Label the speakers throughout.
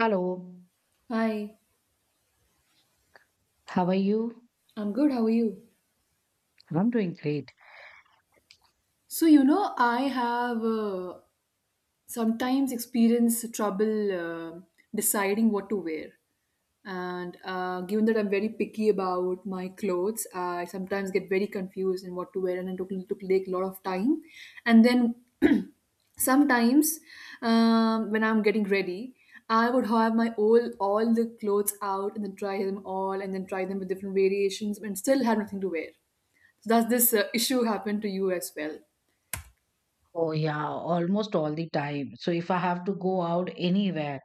Speaker 1: Hello,
Speaker 2: Hi,
Speaker 1: how are you?
Speaker 2: I'm good. How are you?
Speaker 1: I'm doing great.
Speaker 2: So I have sometimes experienced trouble deciding what to wear. And given that I'm very picky about my clothes, I sometimes get very confused in what to wear, and it took, took take a lot of time. And then sometimes when I'm getting ready I would have my all the clothes out and then try them all and then try them with different variations and still have nothing to wear. So does this issue happen to you as well?
Speaker 1: Oh, yeah, almost all the time. So, if I have to go out anywhere,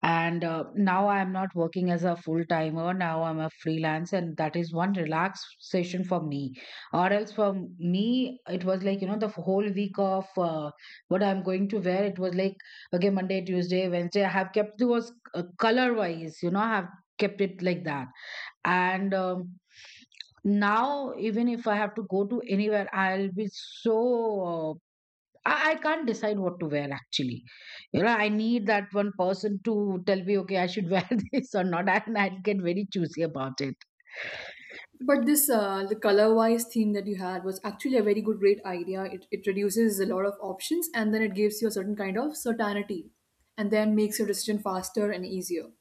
Speaker 1: and now I'm not working as a full timer, now I'm a freelance, and that is one relaxation for me. Or else, for me, it was like, the whole week of what I'm going to wear, it was like, okay, Monday, Tuesday, Wednesday, I have kept those color wise, I have kept it like that. And Now even if I have to go to anywhere I'll be so uh, I can't decide what to wear actually. I need that one person to tell me, okay, I should wear this or not, and I will get very choosy about it.
Speaker 2: But this the color wise theme that you had was actually a great idea. It reduces a lot of options and then it gives you a certain kind of certainty, and then makes your decision faster and easier.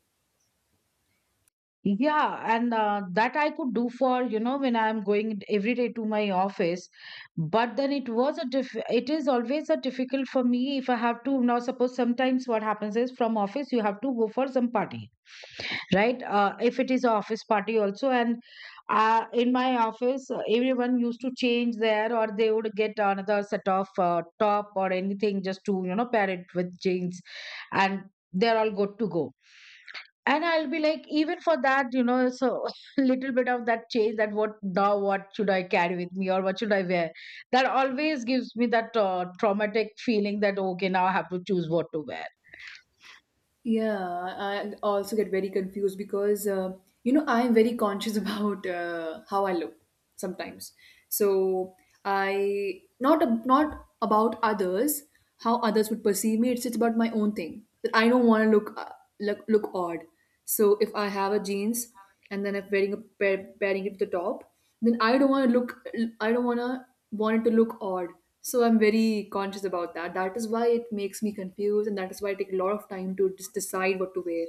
Speaker 1: Yeah, and that I could do for, when I'm going every day to my office. But then it was it is always a difficult for me if I have to, now suppose, sometimes what happens is from office you have to go for some party, right? If it is a office party also, and in my office, everyone used to change there, or they would get another set of top or anything just to, pair it with jeans and they're all good to go. And I'll be like, even for that, so little bit of that change, that what now what should I carry with me or what should I wear, that always gives me that traumatic feeling that okay, now I have to choose what to wear.
Speaker 2: Yeah, I also get very confused because you know, I am very conscious about how I look sometimes. So I not about others, how others would perceive me. It's about my own thing that I don't want to look look odd. So if I have a jeans and then I'm wearing a pairing it with the top, then I don't want to look. I don't want to want it to look odd. So I'm very conscious about that. That is why it makes me confused, and that is why I take a lot of time to just decide what to wear.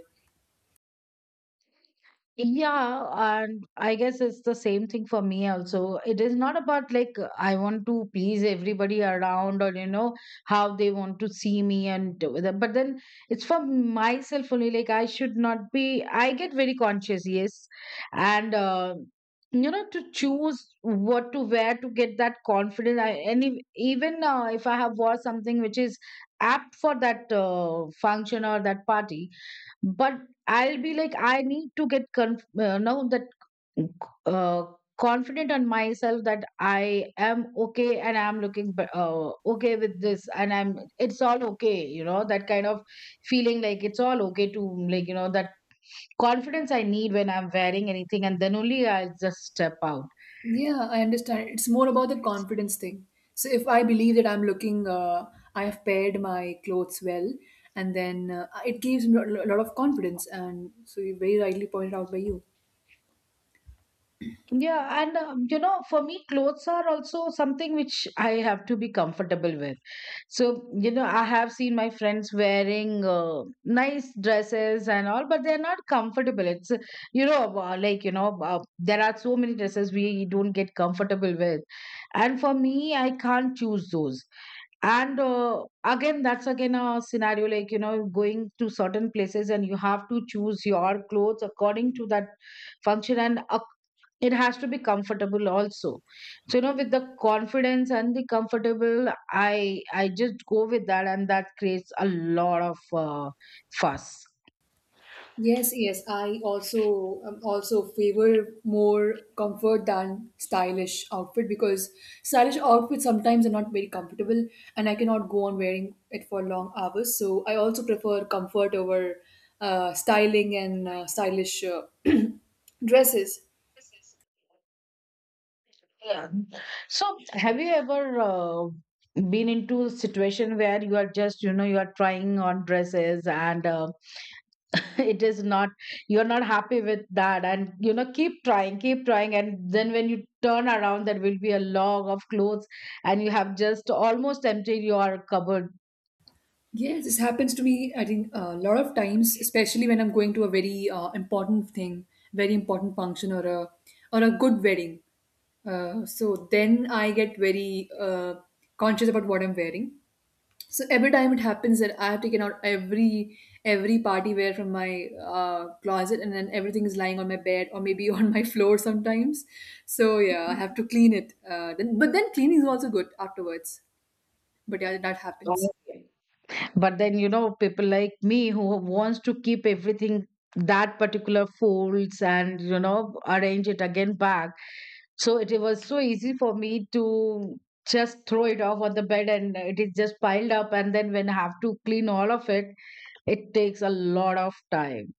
Speaker 1: Yeah, and I guess it's the same thing for me also. It is not about like I want to please everybody around, or how they want to see me and but then it's for myself only. Like I should not be. I get very conscious, yes, and to choose what to wear to get that confidence. I, and if, even if I have wore something which is apt for that function or that party, but I'll be like I need to know that uh, confident on myself, that I am okay and I'm okay with this and I'm, it's all okay, that kind of feeling, like it's all okay to, that confidence I need when I'm wearing anything, and then only I'll just step out.
Speaker 2: Yeah, I understand. It's more about the confidence thing. So if I believe that I'm looking, I have paired my clothes well, and then it gives me a lot of confidence. And so you very rightly pointed out by you.
Speaker 1: Yeah, and for me, clothes are also something which I have to be comfortable with. So, I have seen my friends wearing nice dresses and all, but they're not comfortable. It's, you know, like, you know, There are so many dresses we don't get comfortable with. And for me, I can't choose those. And again, that's again a scenario, like, going to certain places and you have to choose your clothes according to that function, and it has to be comfortable also. So, with the confidence and the comfortable, I just go with that, and that creates a lot of fuss.
Speaker 2: Yes, yes. I also also favor more comfort than stylish outfit because stylish outfits sometimes are not very comfortable and I cannot go on wearing it for long hours. So I also prefer comfort over styling and stylish dresses.
Speaker 1: Yeah. So have you ever been into a situation where you are just, you are trying on dresses, and it is not, you're not happy with that, and keep trying, keep trying, and then when you turn around there will be a log of clothes, and you have just almost emptied your cupboard?
Speaker 2: Yes, this happens to me, I think, a lot of times, especially when I'm going to a very important thing, very important function or a good wedding. So then I get very conscious about what I'm wearing. So every time it happens that I have taken out every party wear from my closet, and then everything is lying on my bed or maybe on my floor sometimes. So yeah, I have to clean it. Then, but then cleaning is also good afterwards. But yeah, that happens.
Speaker 1: But then, people like me who wants to keep everything, that particular folds and arrange it again back, so it, was so easy for me to just throw it off on the bed, and it is just piled up, and then when I have to clean all of it, it takes a lot of time.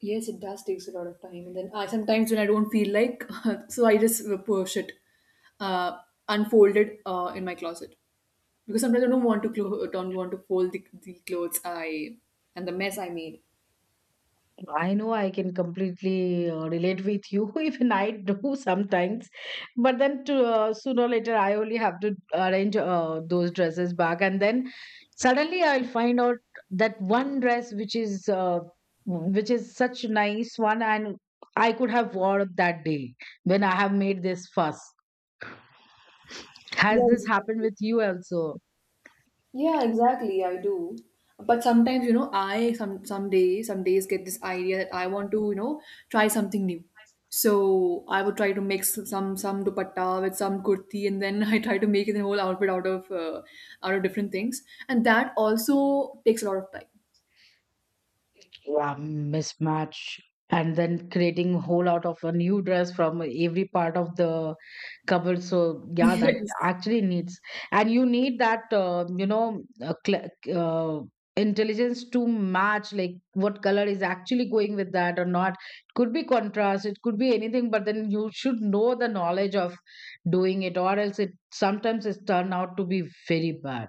Speaker 2: Yes, it does takes a lot of time, and then I sometimes when I don't feel like, so I just push it, uh, unfold it in my closet because sometimes I don't want to don't want to fold the clothes I and the mess I made.
Speaker 1: I know, I can completely relate with you, even I do sometimes. But then, sooner or later, I only have to arrange those dresses back. And then suddenly I'll find out that one dress which is such a nice one, and I could have wore that day when I have made this fuss. Has
Speaker 2: Yes.
Speaker 1: this happened with you also?
Speaker 2: Yeah, exactly. I do. But sometimes, you know, I some days get this idea that I want to, you know, try something new. So I would try to mix some dupatta with some kurti, and then I try to make the whole outfit out of different things, and that also takes a lot of time.
Speaker 1: Yeah, mismatch, and then creating whole out of a new dress from every part of the cupboard. So yeah, that
Speaker 2: Yes.
Speaker 1: actually needs, and you need that uh, intelligence to match, like what color is actually going with that or not. It could be contrast, it could be anything, but then you should know the knowledge of doing it, or else it sometimes it's turned out to be very bad.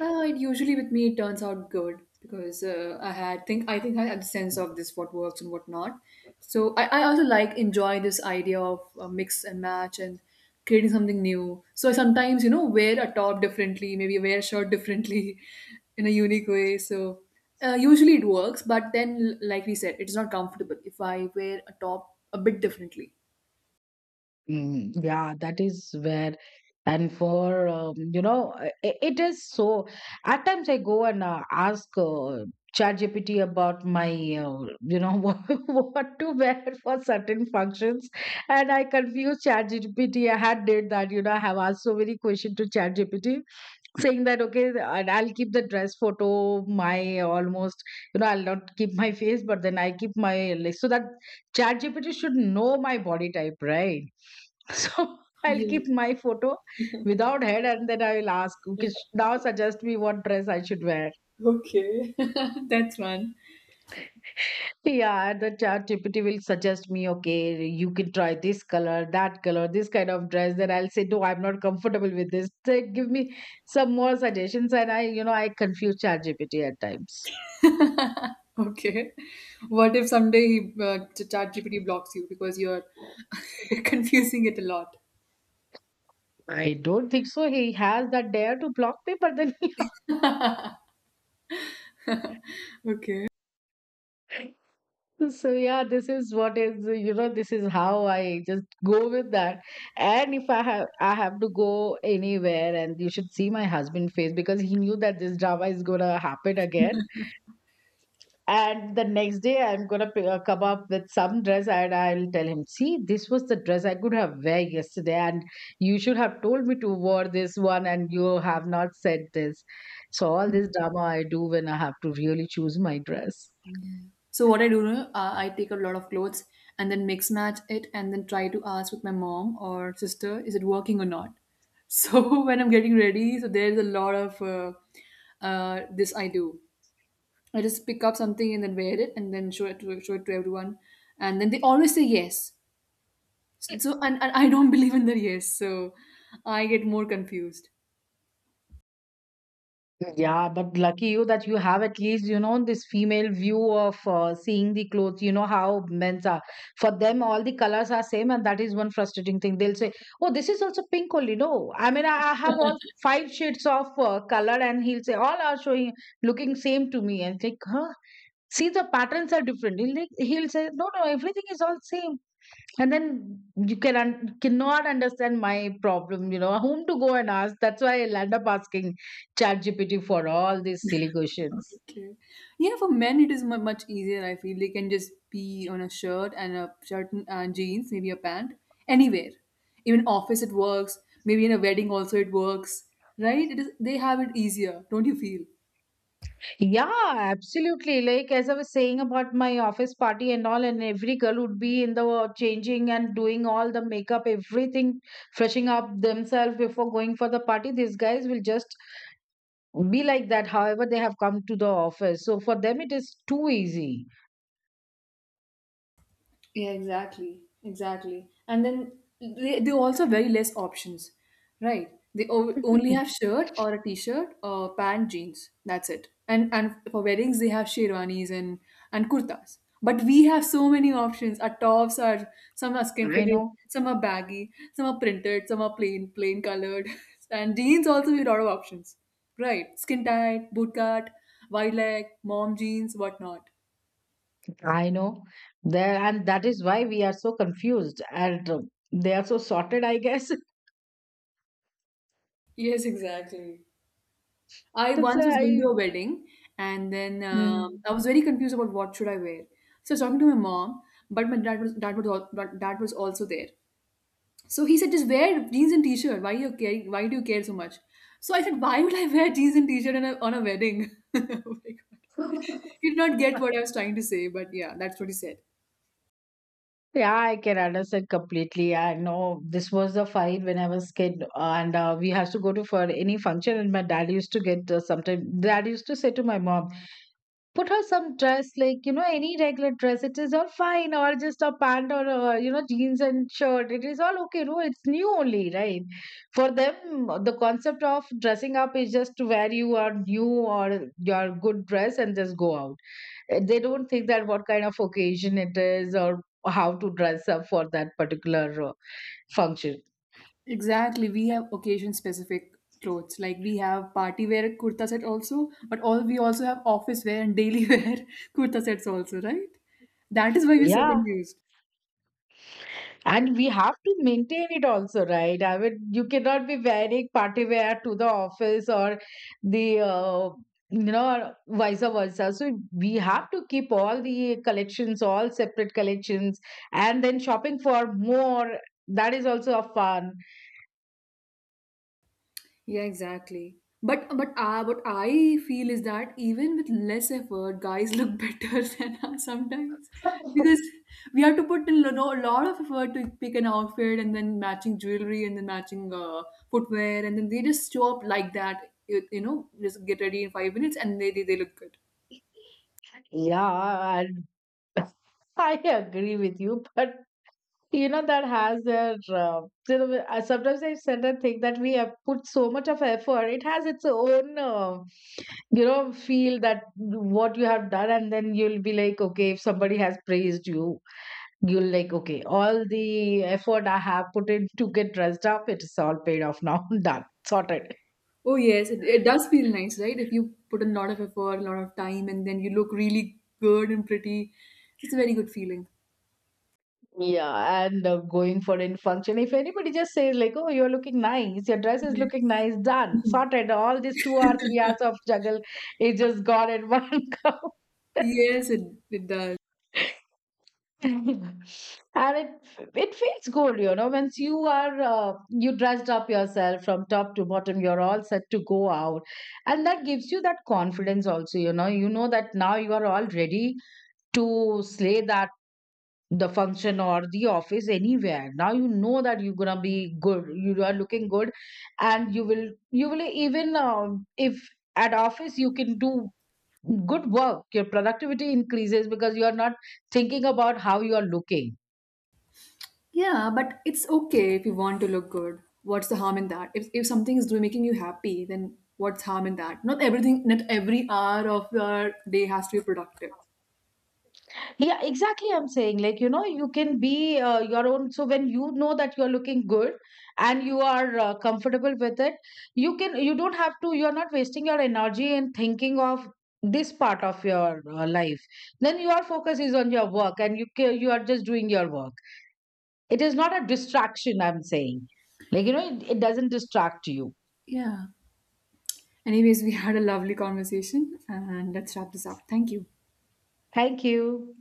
Speaker 2: Well, it usually with me it turns out good because I think I had the sense of this what works and what not. So I also like enjoy this idea of mix and match and creating something new. So I sometimes you know wear a top differently, maybe wear a shirt differently in a unique way. So usually it works, but then like we said, it's not comfortable if I wear a top a bit differently.
Speaker 1: Mm, yeah, that is where, and for it is so. At times, I go and ask ChatGPT about you know, what, what to wear for certain functions, and I confuse ChatGPT. I had did that, you know. I have asked so many questions to ChatGPT, saying that okay, and I'll keep the dress photo my almost, I'll not keep my face, but then I keep my legs, so that chat gpt should know my body type, right? So I'll
Speaker 2: Yes.
Speaker 1: keep my photo without head, and then I will ask, okay, now suggest me what dress I should wear.
Speaker 2: Okay. That's one.
Speaker 1: Yeah, the chat GPT will suggest me, okay, you can try this color, that color, this kind of dress. Then I'll say, no, I'm not comfortable with this. They give me some more suggestions, and I, I confuse chat GPT at times.
Speaker 2: Okay. What if someday he ChatGPT blocks you because you're confusing it a lot?
Speaker 1: I don't think so. He has that dare to block me, but then,
Speaker 2: Okay.
Speaker 1: so yeah, this is what is, this is how I just go with that. And if I have, I have to go anywhere, and you should see my husband face, because he knew that this drama is gonna happen again. And the next day, I'm gonna come up with some dress, and I'll tell him, "See, this was the dress I could have wear yesterday, and you should have told me to wear this one, and you have not said this." So all this drama I do when I have to really choose my dress.
Speaker 2: So what I do, I take a lot of clothes and then mix match it and then try to ask with my mom or sister, is it working or not? So when I'm getting ready, so there's a lot of this I do. I just pick up something and then wear it and then show it to everyone, and then they always say yes. So and I don't believe in the yes, so I get more confused.
Speaker 1: Yeah, but lucky you that you have at least, this female view of seeing the clothes. You know how men's are. For them, all the colors are same, and that is one frustrating thing. They'll say, "Oh, this is also pink only." No, I mean, I have all five shades of color, and he'll say all are showing looking same to me, and think, "Huh? See, the patterns are different." He'll say, "No, no, everything is all same." And then you cannot understand my problem. You know whom to go and ask? That's why I'll end up asking ChatGPT for all these silly questions.
Speaker 2: Okay. Yeah, for men it is mu much easier. I feel they can just be on a shirt and jeans, maybe a pant, anywhere. Even office it works. Maybe in a wedding also it works, right? It is they have it easier, don't you feel?
Speaker 1: Yeah, absolutely, like as I was saying about my office party and all, and every girl would be in the changing and doing all the makeup, everything, freshing up themselves before going for the party. These guys will just be like that, however they have come to the office. So for them it is too easy.
Speaker 2: Yeah, exactly, exactly. And then they also very less options, right? They only
Speaker 1: I
Speaker 2: have shirt or a t-shirt or pant jeans. That's it. And for weddings they have sherwanis and kurtas. But we have so many options. Our tops are some are skin fitted,
Speaker 1: know.
Speaker 2: some are baggy, some are printed, some are plain colored. And jeans also we have a lot of options, right? Skin tight, bootcut, wide leg, mom jeans, whatnot.
Speaker 1: I know, there, and that is why we are so confused, and they are so sorted, I guess.
Speaker 2: Yes, exactly. I
Speaker 1: So
Speaker 2: once was going to
Speaker 1: I,
Speaker 2: a wedding, and then
Speaker 1: mm,
Speaker 2: I was very confused about what should I wear. So I was talking to my mom, but my but dad was also there. So he said, "Just wear jeans and t-shirt. Why you care? Why do you care so much?" So I said, "Why would I wear jeans and t-shirt on a wedding?" Oh my god! He did not get what I was trying to say, but yeah, that's what he said.
Speaker 1: yeah, I can understand completely. I know this was a fight when I was kid, and we has to go to for any function, and my dad used to get sometimes. Dad used to say to my mom, put her some dress, like any regular dress it is all fine, or just a pant, or jeans and shirt it is all okay, no, it's new only, right? For them the concept of dressing up is just to wear you are new, or your good dress, and just go out. They don't think that what kind of occasion it is, or how to dress up for that particular function.
Speaker 2: Exactly. We have occasion specific clothes. Like we have party wear kurta set also, but all we also have office wear and daily wear kurta sets also, right? That is why we're so
Speaker 1: Yeah.
Speaker 2: confused.
Speaker 1: And we have to maintain it also, right? I mean, you cannot be wearing party wear to the office or the, vice versa. So we have to keep all the collections, all separate collections, and then shopping for more. That is also a fun.
Speaker 2: Yeah, exactly. But what I feel is that even with less effort, guys look better than us sometimes because we have to put in a lot of effort to pick an outfit and then matching jewelry and then matching footwear and then they just show up like that. You know, just get ready in 5 minutes and they look good.
Speaker 1: Yeah, and I agree with you, but that has their. I- sometimes I sit and think that we have put so much of effort. It has its own. Feel that what you have done, and then you'll be like, okay, if somebody has praised you, you'll like, okay, all the effort I have put in to get dressed up, it's all paid off now. Done, sorted.
Speaker 2: Oh yes, it does feel nice, right? If you put in a lot of effort, a lot of time, and then you look really good and pretty, it's a very good feeling.
Speaker 1: Yeah, and going for in function, if anybody just says like, oh, you're looking nice, your dress is looking nice,
Speaker 2: Yeah.
Speaker 1: done, sorted, all these two or three hours of juggle is just gone in one go.
Speaker 2: Yes, it does.
Speaker 1: And it feels good, you know, once you are you dressed up yourself from top to bottom, you're all set to go out, and that gives you that confidence also. You know, you know that now you are all ready to slay that, the function or the office, anywhere. Now you know that you're gonna be good, you are looking good, and you will, you will even if at office you can do good work, your productivity increases because you are not thinking about how you are looking.
Speaker 2: Yeah, but it's okay if you want to look good. What's the harm in that? If something is doing making you happy, then what's harm in that? Not everything, not every hour of your day has to be productive.
Speaker 1: Yeah, exactly, I'm saying, like, you know, you can be your own, so when you know that you're looking good, and you are comfortable with it, you can, you don't have to, you're not wasting your energy in thinking of this part of your life. Then your focus is on your work, and you are just doing your work. It is not a distraction, I'm saying, like, you know, it doesn't distract you.
Speaker 2: Yeah. Anyways, we had a lovely conversation and let's wrap this up. Thank you.
Speaker 1: Thank you.